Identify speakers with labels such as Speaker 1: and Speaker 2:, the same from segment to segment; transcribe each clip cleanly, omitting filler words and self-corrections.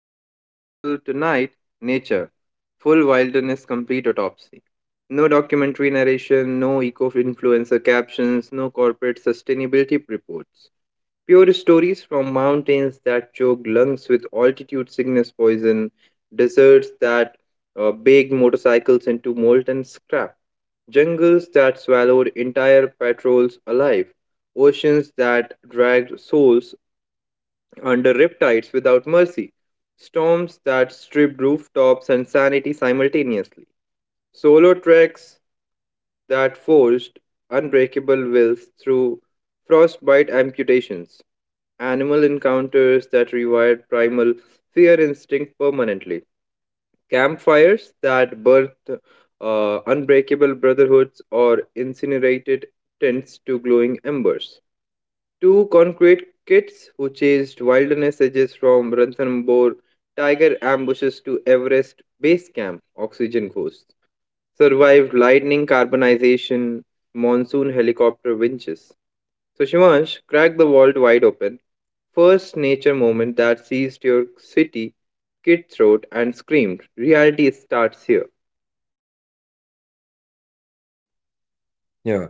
Speaker 1: studio. I am Ritul. Tonight, nature, full wilderness, complete autopsy. No documentary narration, no eco influencer captions, no corporate sustainability reports. Pure stories from mountains that choke lungs with altitude sickness poison, deserts that bake motorcycles into molten scrap, jungles that swallowed entire patrols alive, oceans that dragged souls under riptides without mercy, storms that stripped rooftops and sanity simultaneously, solo treks that forced unbreakable wills through frostbite amputations, animal encounters that rewired primal fear instinct permanently, campfires that birthed unbreakable brotherhoods or incinerated tents to glowing embers. Two concrete kids who chased wilderness edges from Ranthambore tiger ambushes to Everest base camp, oxygen ghosts, survived lightning carbonization, monsoon helicopter winches. So, Shivansh, crack the vault wide open. First nature moment that seized your city, kid throat, and screamed, Reality starts here.
Speaker 2: Yeah.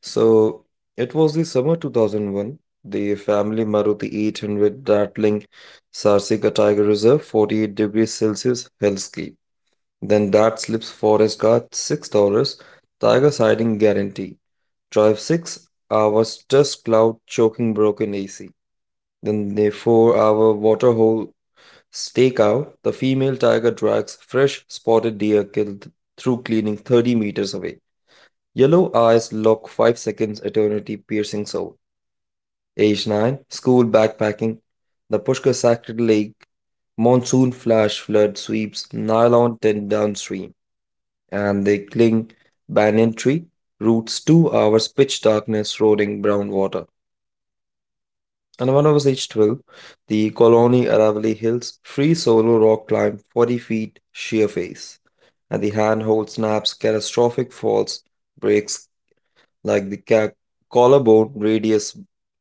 Speaker 2: So it was the summer 2001. The family Maruti 800 rattling Sarsica Tiger Reserve 48 degrees Celsius hellscape. Then dad slips forest guard $6 tiger siding guarantee. Drive 6 hours dust cloud choking broken AC. Then the 4-hour waterhole stakeout. The female tiger drags fresh spotted deer killed through cleaning 30 meters away. Yellow eyes lock 5 seconds eternity piercing soul. Age 9, school backpacking, the Pushkar Sacred Lake, monsoon flash flood sweeps nylon tent downstream, and they cling banyan tree, roots 2 hours pitch darkness, roaring brown water. And when I was age 12, the Colony Aravalli Hills, free solo rock climb 40 feet sheer face, and the handhold snaps, catastrophic falls, breaks like the ca- collarbone radius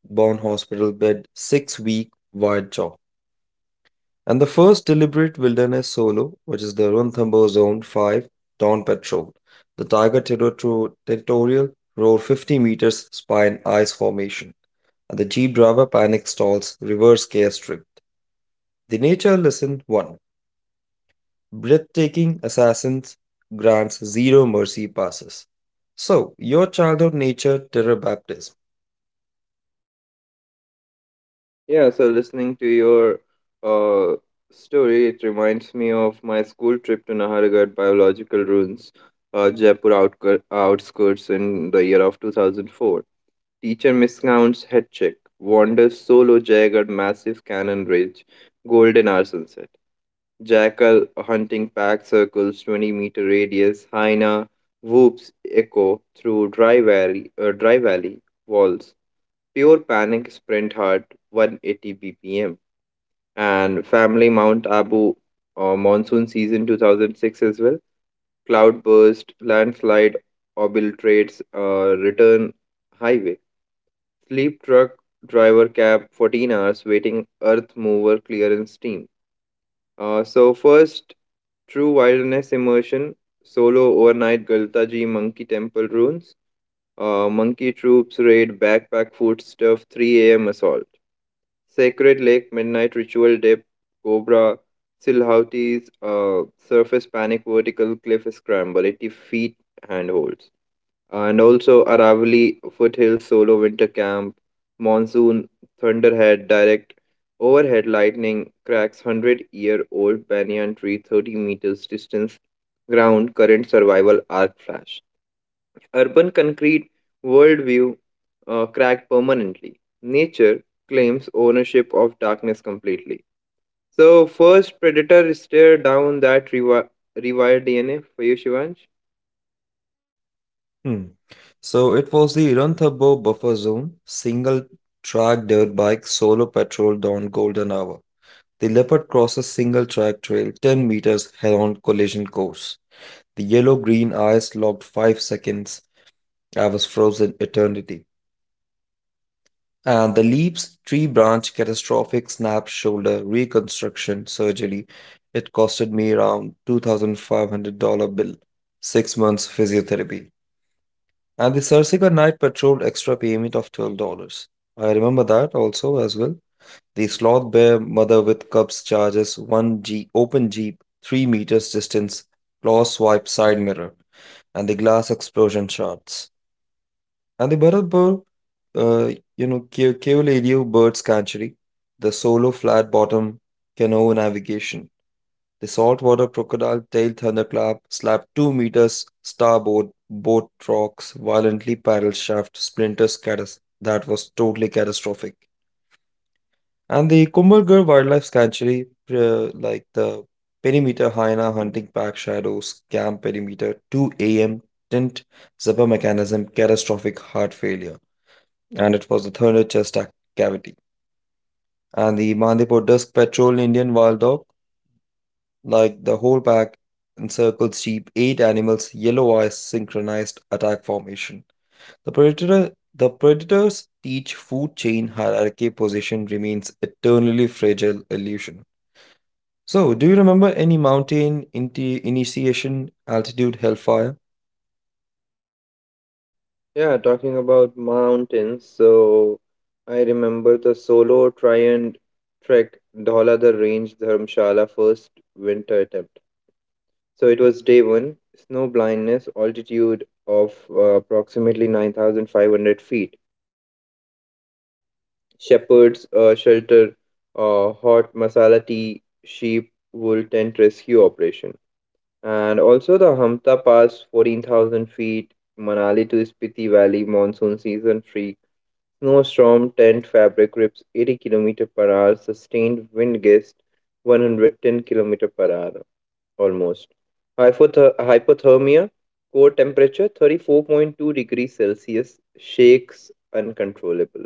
Speaker 2: bone hospital bed 6 week wide jaw. And the first deliberate wilderness solo, which is the Ranthambore Zone 5 Dawn Patrol. The territorial roar 50 meters spine ice formation. And the jeep driver panic stalls reverse gear strict. The nature lesson 1. Breathtaking assassins grants zero mercy passes. So, your childhood nature terror.
Speaker 1: Yeah, so listening to your uh, story, it reminds me of my school trip to Nahargarh Biological Ruins, Jaipur outskirts in the year of 2004. Teacher miscounts head check, wanders solo jagged massive cannon ridge, golden hour sunset. Jackal hunting pack circles 20-meter radius, hyena whoops echo through dry valley, dry valley walls. Pure panic sprint heart 180 bpm and Family Mount Abu monsoon season 2006 as well. Cloudburst, landslide, obliterates, return highway. Sleep truck driver cab 14 hours waiting earth mover clearance team. So first true wilderness immersion, solo overnight Galtaji monkey temple ruins, monkey troops raid backpack food stuff 3 a.m. assault. Sacred Lake Midnight Ritual Dip, Cobra, Silhouette's Surface Panic Vertical Cliff Scramble, 80 feet handholds. And also Aravali Foothills Solo Winter Camp, Monsoon, Thunderhead, Direct, Overhead Lightning cracks 100 year old banyan tree 30 meters distance, ground current survival arc flash. Urban concrete worldview cracked permanently. Nature claims ownership of darkness completely. So, first predator stare down that rewired DNA for you, Shivansh.
Speaker 2: Hmm. So it was the Iranthabo buffer zone, single track dirt bike solo patrol dawn golden hour. The leopard crosses single track trail 10 meters head on collision course. The yellow green eyes locked 5 seconds. I was frozen eternity. And the leaps, tree branch, catastrophic snap, shoulder, reconstruction, surgery. It costed me around $2,500 bill, 6 months physiotherapy. And the Sarsica Night Patrol extra payment of $12. I remember that also as well. The Sloth Bear Mother with Cubs charges 1 G open Jeep, 3 meters distance, claw swipe side mirror, and the glass explosion shots. And the Bharatpur, Keoladio Bird Sanctuary, the solo flat bottom canoe navigation. The saltwater crocodile tail thunderclap slapped 2 meters starboard boat rocks violently paddle shaft splinter scatters. That was totally catastrophic. And the Kumbhalgarh Wildlife Sanctuary, like the perimeter hyena hunting pack shadows, camp perimeter, 2 a.m. tint, zipper mechanism, catastrophic heart failure. And it was the cavity. And the Mandipur Dusk Patrol Indian Wild Dog. Like the whole pack encircles sheep, eight animals, yellow eyes, synchronized attack formation. The predator the predators teach food chain hierarchy position remains eternally fragile illusion. So, do you remember any initiation altitude hellfire?
Speaker 1: Yeah, talking about mountains. So, I remember the solo try and trek Dhola the Range Dharamshala first winter attempt. So, it was day one, snow blindness, altitude of approximately 9,500 feet. Shepherds shelter, hot masala tea, sheep, wool tent rescue operation. And also the Hamta Pass, 14,000 feet, Manali to Spiti Valley, monsoon season free. Snowstorm tent fabric rips 80 kilometer per hour, sustained wind gust 110 kilometer per hour almost. Hypothermia, core temperature 34.2 degrees Celsius, shakes uncontrollable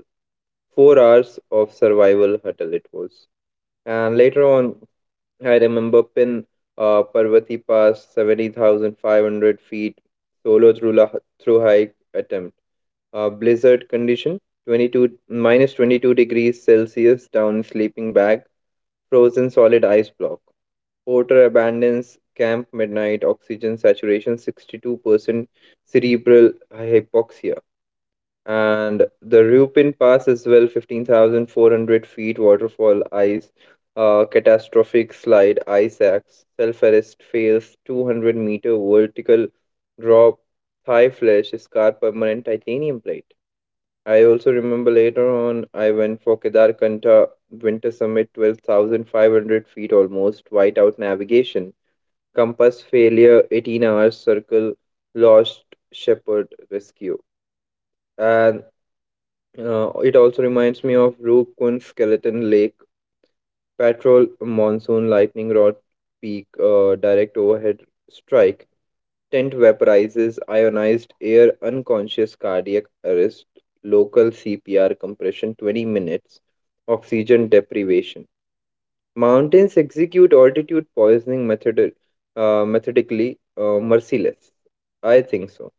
Speaker 1: 4 hours of survival huddle it was. And later on, I remember Pin Parvati Pass, 70,500 feet, solo through, la- through hike attempt. Blizzard condition, minus 22 degrees Celsius down sleeping bag, frozen solid ice block. Porter abandons camp midnight, oxygen saturation 62%, cerebral hypoxia and the Rupin Pass as well, 15,400 feet waterfall ice, catastrophic slide, ice axe, self-arrest fails, 200-meter vertical drop, thigh flesh, scar permanent titanium plate. I also remember later on I went for Kedarkanta Winter Summit, 12,500 feet almost, whiteout navigation, compass failure, 18 hours circle, lost shepherd rescue and it also reminds me of Roop Kun Skeleton Lake, Patrol Monsoon Lightning Rod Peak, Direct Overhead Strike, Tent Vaporizes, Ionized Air Unconscious Cardiac Arrest, Local CPR Compression 20 Minutes, Oxygen Deprivation. Mountains execute altitude poisoning method, methodically, merciless. I think so.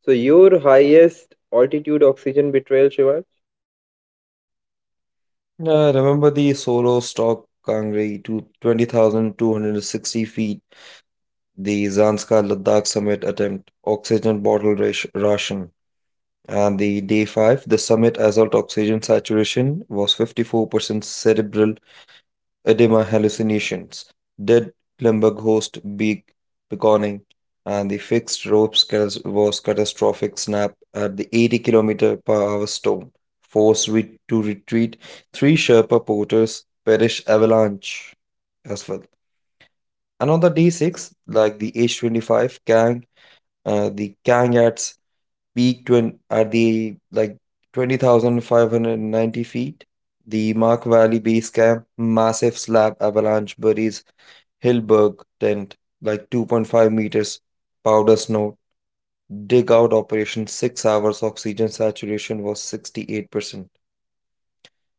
Speaker 1: So, your highest altitude oxygen betrayal, Shiva?
Speaker 2: Remember the solo stock Kangri to 20,260 feet, the Zanskar Ladakh summit attempt, oxygen bottle ration. And the day five, the summit assault oxygen saturation was 54% cerebral edema hallucinations, dead Lemberg host beak beckoning, and the fixed ropes was catastrophic snap at the 80 kilometer per hour storm, forced to retreat. Three Sherpa porters perish avalanche as well. And on the day 6, the Kangats peaked when at the 20,590 feet. The Mark Valley Base Camp massive slab avalanche buries Hillberg tent like 2.5 meters powder snow. Dig out operation 6 hours oxygen saturation was 68%.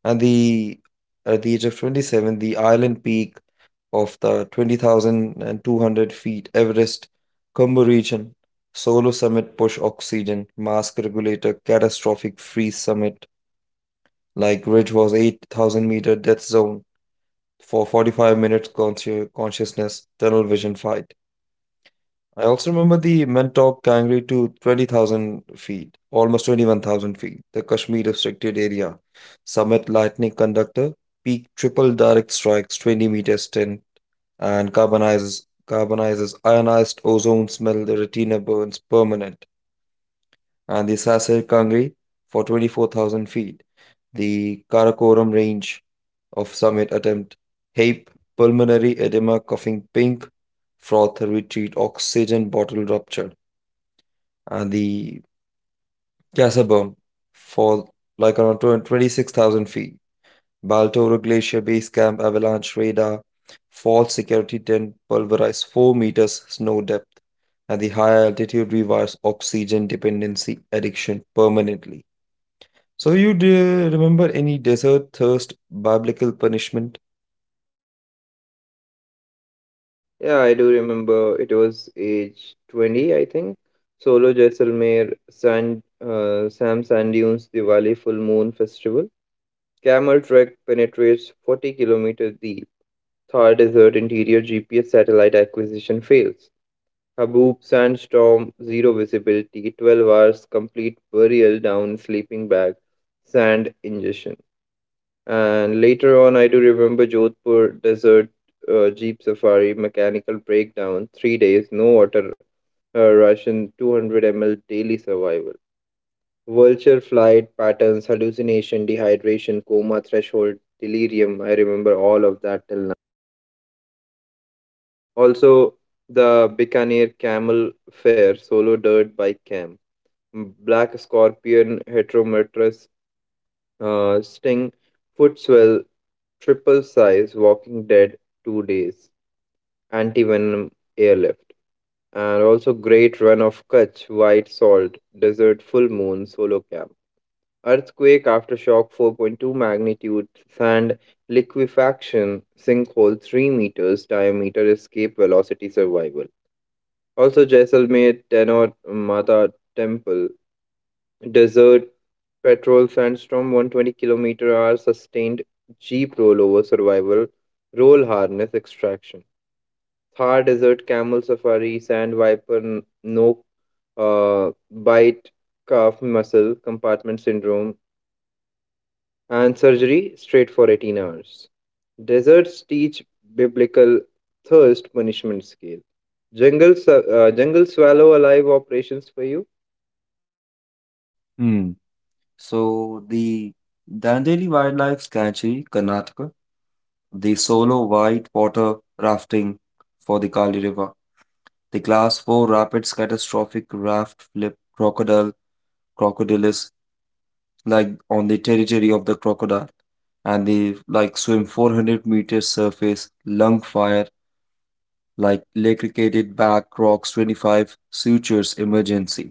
Speaker 2: And the at the age of 27, the island peak of the 20,200 feet Everest Combo region, Solo Summit Push Oxygen, Mask Regulator, Catastrophic Freeze Summit, like ridge was 8,000 meter death zone for 45 minutes consciousness tunnel vision fight. I also remember the Mentok Kangri to 20,000 feet, almost 21,000 feet, the Kashmir restricted area. Summit Lightning Conductor, peak triple direct strikes 20 meters 10 and carbonizes ionized ozone smell the retina burns permanent, and the sasser kangri for 24,000 feet, the karakoram range of summit attempt, hape pulmonary edema coughing pink froth retreat oxygen bottle rupture, and the Casabum for like around 26,000 feet. Baltoro Glacier Base Camp avalanche radar, false security tent pulverized 4 meters snow depth, and the high altitude rewires oxygen dependency addiction permanently. So, you do remember any desert thirst biblical punishment?
Speaker 1: Yeah, I do remember it was age 20, I think. Solo Jaisalmer, Sand, Sam Sand Dunes Diwali Full Moon Festival. Camel Trek penetrates 40-kilometer deep. Thar Desert Interior GPS satellite acquisition fails. Haboob Sandstorm, zero visibility, 12 hours complete burial down sleeping bag, sand ingestion. And later on, I do remember Jodhpur desert jeep safari, mechanical breakdown, 3 days, no water ration, 200 ml daily survival. Vulture flight patterns, hallucination, dehydration, coma threshold, delirium. I remember all of that till now. Also, the Bikaner camel fair, solo dirt bike camp, black scorpion, heterometrous sting, foot swell, triple size, walking dead, 2 days. Anti-venom airlift, and also great run of Kutch, White Salt, Desert Full Moon Solo Camp. Earthquake aftershock 4.2 magnitude, sand liquefaction, sinkhole 3 meters, diameter escape velocity survival. Also Jaisalmer Tenor Mata Temple, desert petrol sandstorm 120 kilometer hour sustained jeep rollover survival, roll harness extraction. Thar Desert Camel Safari, Sand Viper, No Bite, Calf Muscle Compartment Syndrome, and surgery straight for 18 hours. Deserts teach biblical thirst punishment scale. Jungle swallow alive operations for you.
Speaker 2: Hmm. So the Dandeli Wildlife Sanctuary, Karnataka, the solo white water rafting for the Kali River, the class 4 rapids catastrophic raft flip crocodile crocodilus, like on the territory of the crocodile, and they like swim 400 meters surface lung fire, like electrocuted back rocks 25 sutures emergency,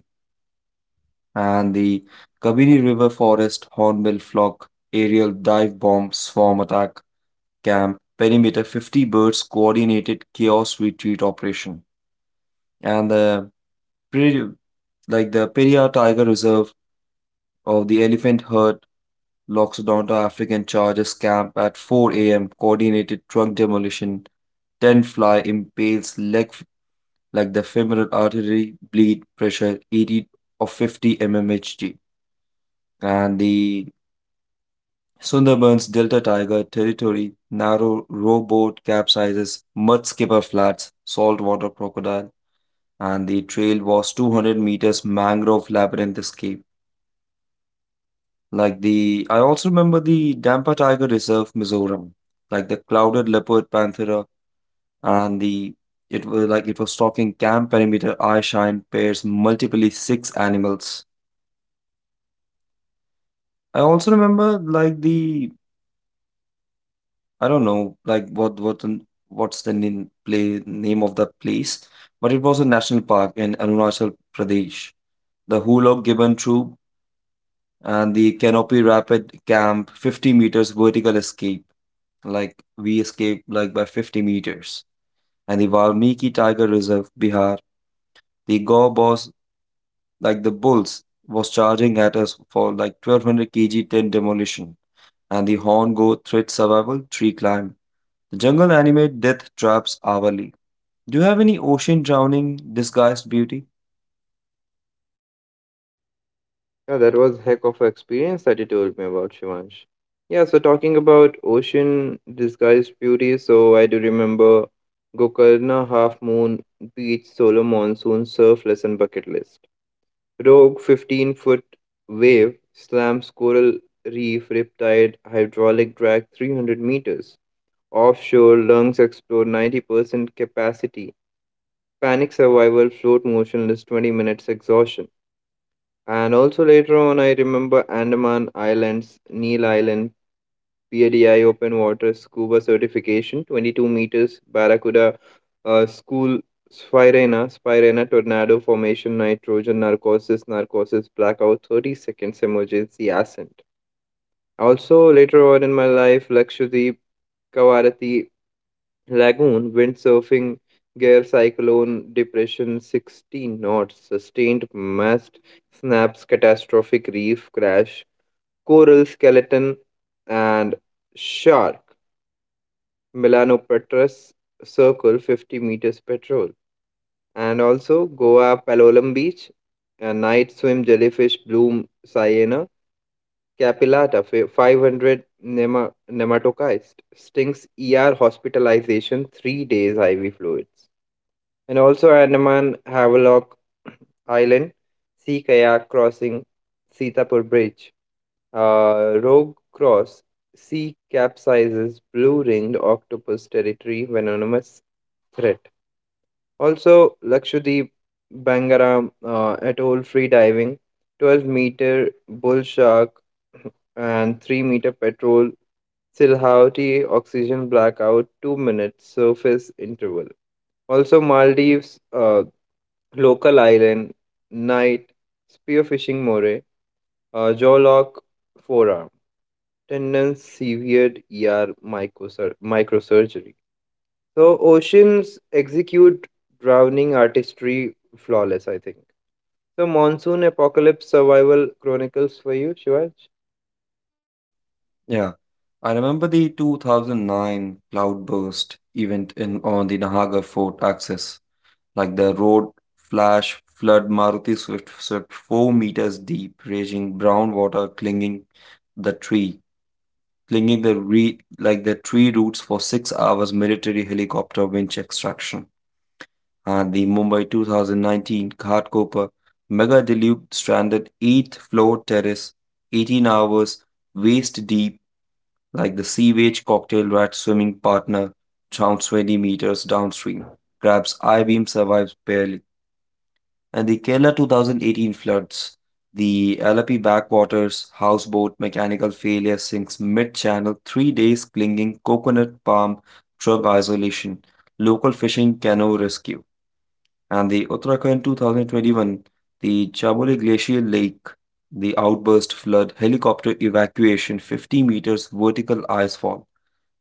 Speaker 2: and the kabini river forest hornbill flock aerial dive bomb swarm attack camp perimeter 50 birds coordinated chaos retreat operation, and pre- like the periyar tiger reserve of the elephant herd locks down to African charges camp at 4 a.m., coordinated truck demolition, 10 fly impales like the femoral artery, bleed pressure 80 or 50 mmHg. And the Sundarbans Delta Tiger territory, narrow rowboat capsizes, mud skipper flats, saltwater crocodile, and the trail was 200 meters mangrove labyrinth escape. I also remember the Dampa Tiger Reserve, Mizoram, like the clouded leopard panthera, and the it was like it was stalking camp perimeter eye shine pairs multiply six animals. I also remember like the, I don't know like what's the name play name of the place, but it was a national park in Arunachal Pradesh. The Hulog Gibbon Troop and the Canopy Rapid Camp 50 meters vertical escape. Like we escaped like by 50 meters. And the Valmiki Tiger Reserve, Bihar, the Gaur boss, like the bulls, was charging at us for like 1200 kg tent demolition. And the horn goat threat survival tree climb. The jungle animate death traps hourly. Do you have any ocean drowning disguised beauty?
Speaker 1: Yeah, that was heck of an experience that you told me about, Shivansh. Yeah, so talking about ocean disguised beauty, so I do remember Gokarna Half Moon Beach Solar Monsoon Surf Lesson Bucket List. Rogue 15-foot wave slams coral reef riptide hydraulic drag 300 meters. Offshore lungs explode 90% capacity. Panic survival float motionless 20 minutes exhaustion. And also later on, I remember Andaman Islands, Neil Island, PADI open water scuba certification, 22 meters, Barracuda school, Spirena tornado formation, nitrogen narcosis, narcosis blackout, 30 seconds emergency ascent. Also later on in my life, Lakshadweep, Kavarati Lagoon, windsurfing, gear cyclone, depression, 16 knots, sustained mast snaps, catastrophic reef crash, coral skeleton, and shark, Melanopetrus circle, 50 meters patrol. And also Goa Palolem Beach, a night swim, jellyfish, bloom, cyaena, capillata, 500 nematocyst, stinks, ER hospitalization, 3 days IV fluids. And also Andaman Havelock Island, sea kayak crossing, Sitapur Bridge, Rogue Cross, sea capsizes, blue ringed octopus territory, venomous threat. Also Lakshadweep, Bangaram atoll free diving, 12-meter bull shark, and 3-meter petrol, Silhouette oxygen blackout, 2 minutes surface interval. Also, Maldives, Local Island, night Spearfishing Moray, Jawlock Forearm, Tendon Severed ER Microsurgery. So, oceans execute drowning artistry flawless, I think. So, Monsoon Apocalypse Survival Chronicles for you, Shivaj?
Speaker 2: Yeah. I remember the 2009 cloudburst event in on the Nahagar Fort axis. Like the road flash flood Maruti Swift swept 4 meters deep, raging brown water clinging the tree, like the tree roots for 6 hours military helicopter winch extraction. And the Mumbai 2019 Ghatkopar mega deluge stranded eighth floor terrace, 18 hours waist deep, like the sewage cocktail rat swimming partner down 20 meters downstream. Grabs I beam survives barely, and the Kerala 2018 floods, the Alapi backwaters, houseboat mechanical failure sinks mid channel, 3 days clinging coconut palm drug isolation, local fishing canoe rescue, and the Uttarakhand 2021, the Chamoli glacial lake, the outburst flood, helicopter evacuation, 50 meters vertical ice fall,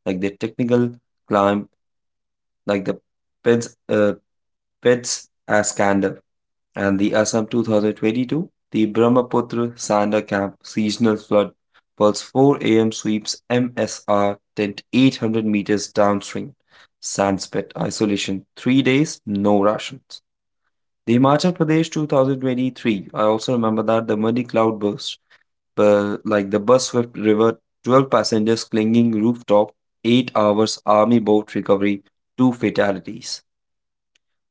Speaker 2: like the technical climb, like the PEDS, uh, PEDS as scandal, and the Assam 2022, the Brahmaputra Sander Camp seasonal flood pulse 4 a.m. sweeps MSR tent 800 meters downstream. Sandspit isolation 3 days, no rations. The Himachal Pradesh 2023, I also remember that the muddy cloud burst, but like the bus swept river, 12 passengers clinging rooftop, 8 hours army boat recovery, 2 fatalities.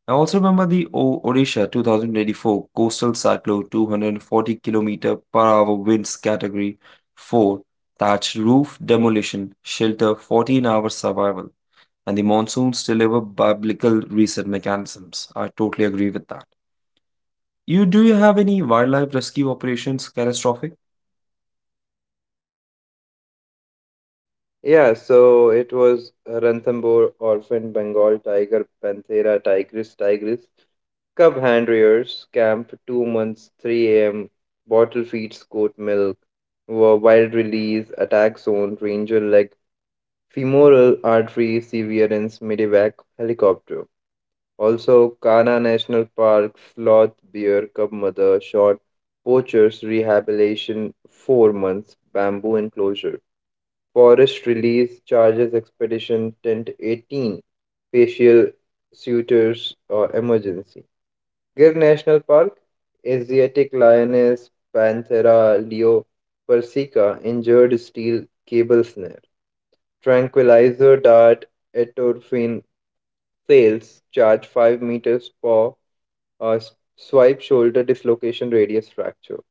Speaker 2: I also remember the Odisha 2024 Coastal Cyclone 240 kilometer per hour winds category 4 thatched roof demolition shelter 14-hour survival, and the monsoons deliver biblical reset mechanisms. I totally agree with that. You do you have any wildlife rescue operations catastrophic?
Speaker 1: Yeah, so it was Ranthambore, Orphan, Bengal Tiger, Panthera tigris, cub hand rears, camp, 2 months, 3 a.m., bottle feeds, goat milk, wild release, attack zone, ranger leg, femoral artery, severance, medevac, helicopter. Also, Kana National Park, sloth, bear, cub mother, shot, poachers, rehabilitation, 4 months, bamboo enclosure. Forest release charges expedition tent 18 facial suitors or emergency. Gir National Park Asiatic lioness Panthera leo persica injured steel cable snare. Tranquilizer dart etorphine fails charge 5 meters paw swipe shoulder dislocation radius fracture.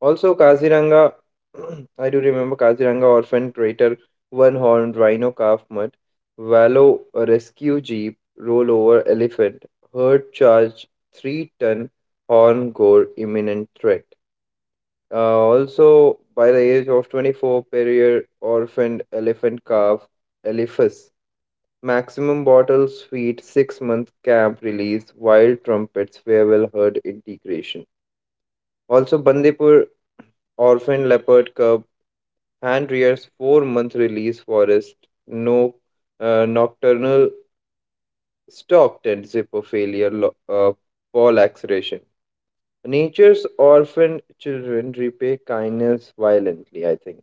Speaker 1: Also, Kaziranga, I do remember Kaziranga Orphan Crater, One Horned Rhino Calf mud. Wallow Rescue Jeep, Rollover Elephant, Herd Charge, 3 ton Horn Gore Imminent Threat. Also, by the age of 24, Perrier Orphaned Elephant Calf, Eliphas. Maximum bottles, feed, 6-month camp release, Wild Trumpets, Farewell Herd Integration. Also, Bandipur Orphan Leopard Cub Hand rears four-month release forest no nocturnal stalked and zipper failure fall acceleration. Nature's orphan children repay kindness violently, I think.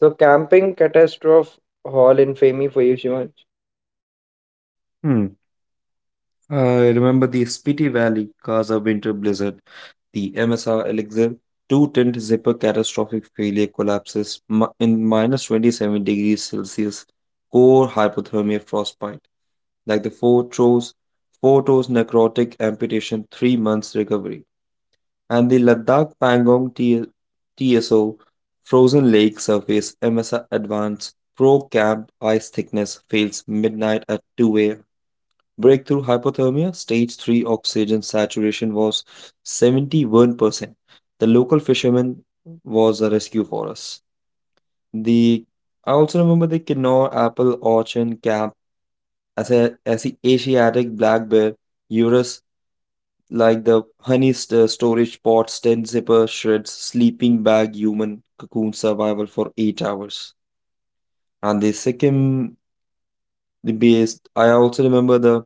Speaker 1: So camping catastrophe hall in Femi for you, Shivansh.
Speaker 2: Hmm. I remember the Spiti Valley Gaza winter blizzard, the MSR Elixir two tent zipper catastrophic failure collapses in minus 27 degrees Celsius, core hypothermia frostbite, like the four toes necrotic amputation, 3 months recovery, and the TSO frozen lake surface MSR advance Pro Camp ice thickness fails midnight at 2 a.m. Breakthrough hypothermia, stage 3 oxygen saturation was 71%. The local fisherman was a rescue for us. The, I also remember the Kinnaur, apple, orchard, cap, as the Asiatic black bear, Eurus, like the storage pots, 10 zipper shreds, sleeping bag, human cocoon survival for 8 hours. And the Sikkim the base, I also remember the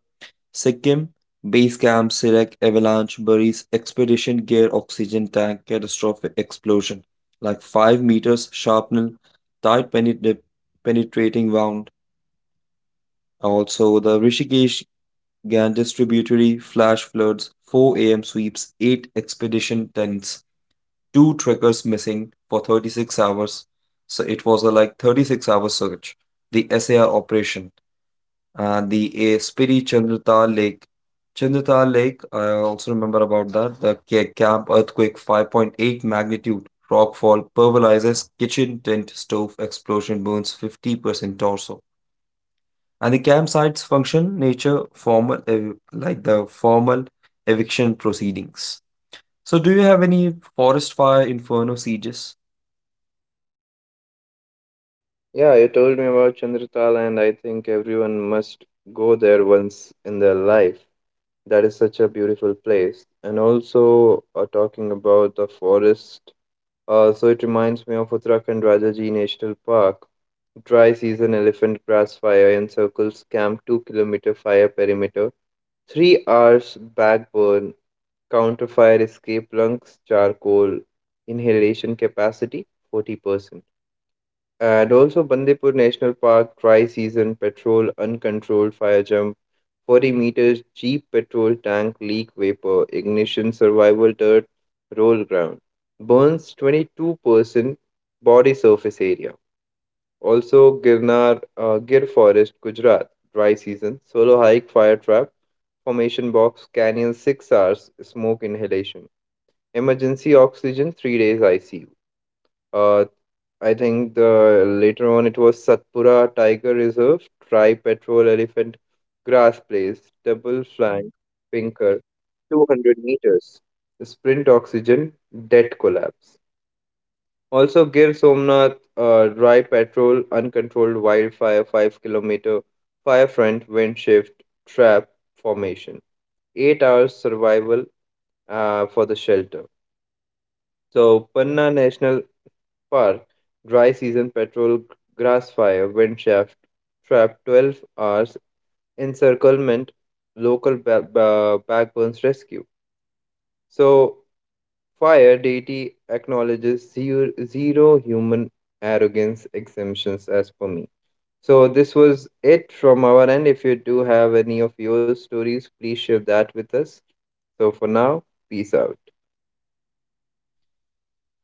Speaker 2: Sikkim Base Camp Sirek avalanche buries expedition gear oxygen tank catastrophic explosion. Like 5 meters shrapnel, tight penetrating wound. Also, the Rishikesh Ganges tributary flash floods, 4 a.m. sweeps, 8 expedition tents, 2 trekkers missing for 36 hours. So it was a like 36-hour search. The SAR operation. The a Spiri Chandratal Lake. Chandratal Lake, I also remember about that. The camp earthquake 5.8 magnitude. Rockfall pulverizes kitchen tent stove explosion burns 50% torso. And the campsites function nature formal like the formal eviction proceedings. So do you have any forest fire inferno sieges?
Speaker 1: Yeah, you told me about Chandratala and I think everyone must go there once in their life. That is such a beautiful place. And also talking about the forest So it reminds me of Uttarakhand Rajaji National Park. Dry season elephant grass fire encircles camp 2-kilometer fire perimeter. 3 hours backburn, counterfire escape lungs, charcoal, inhalation capacity 40%. And also Bandipur National Park, dry season patrol, uncontrolled fire jump. 40 meters Jeep petrol tank leak vapor, ignition survival dirt, roll ground. Burns 22% body surface area. Also, Girnar, Gir Forest, Gujarat, dry season, solo hike, fire trap, formation box, canyon 6 hours, smoke inhalation. Emergency oxygen 3 days ICU. Uh, I think the later on it was Satpura Tiger Reserve, Tri Patrol Elephant Grass Place, Double Flank, Pinker, 200 meters, Sprint Oxygen, Debt Collapse. Also, Gir Somnath, Dry Patrol, Uncontrolled Wildfire, 5 kilometer, Firefront, Wind Shift, Trap Formation. 8 hours survival for the shelter. So, Panna National Park, dry season patrol, grass fire, wind shaft, trap 12 hours, encirclement, local backbones rescue. So, fire deity acknowledges zero human arrogance exemptions as per me. So, this was it from our end. If you do have any of your stories, please share that with us. So, for now, peace out.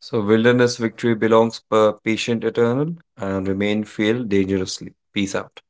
Speaker 2: So wilderness victory belongs per patient eternal and remain fail dangerously. Peace out.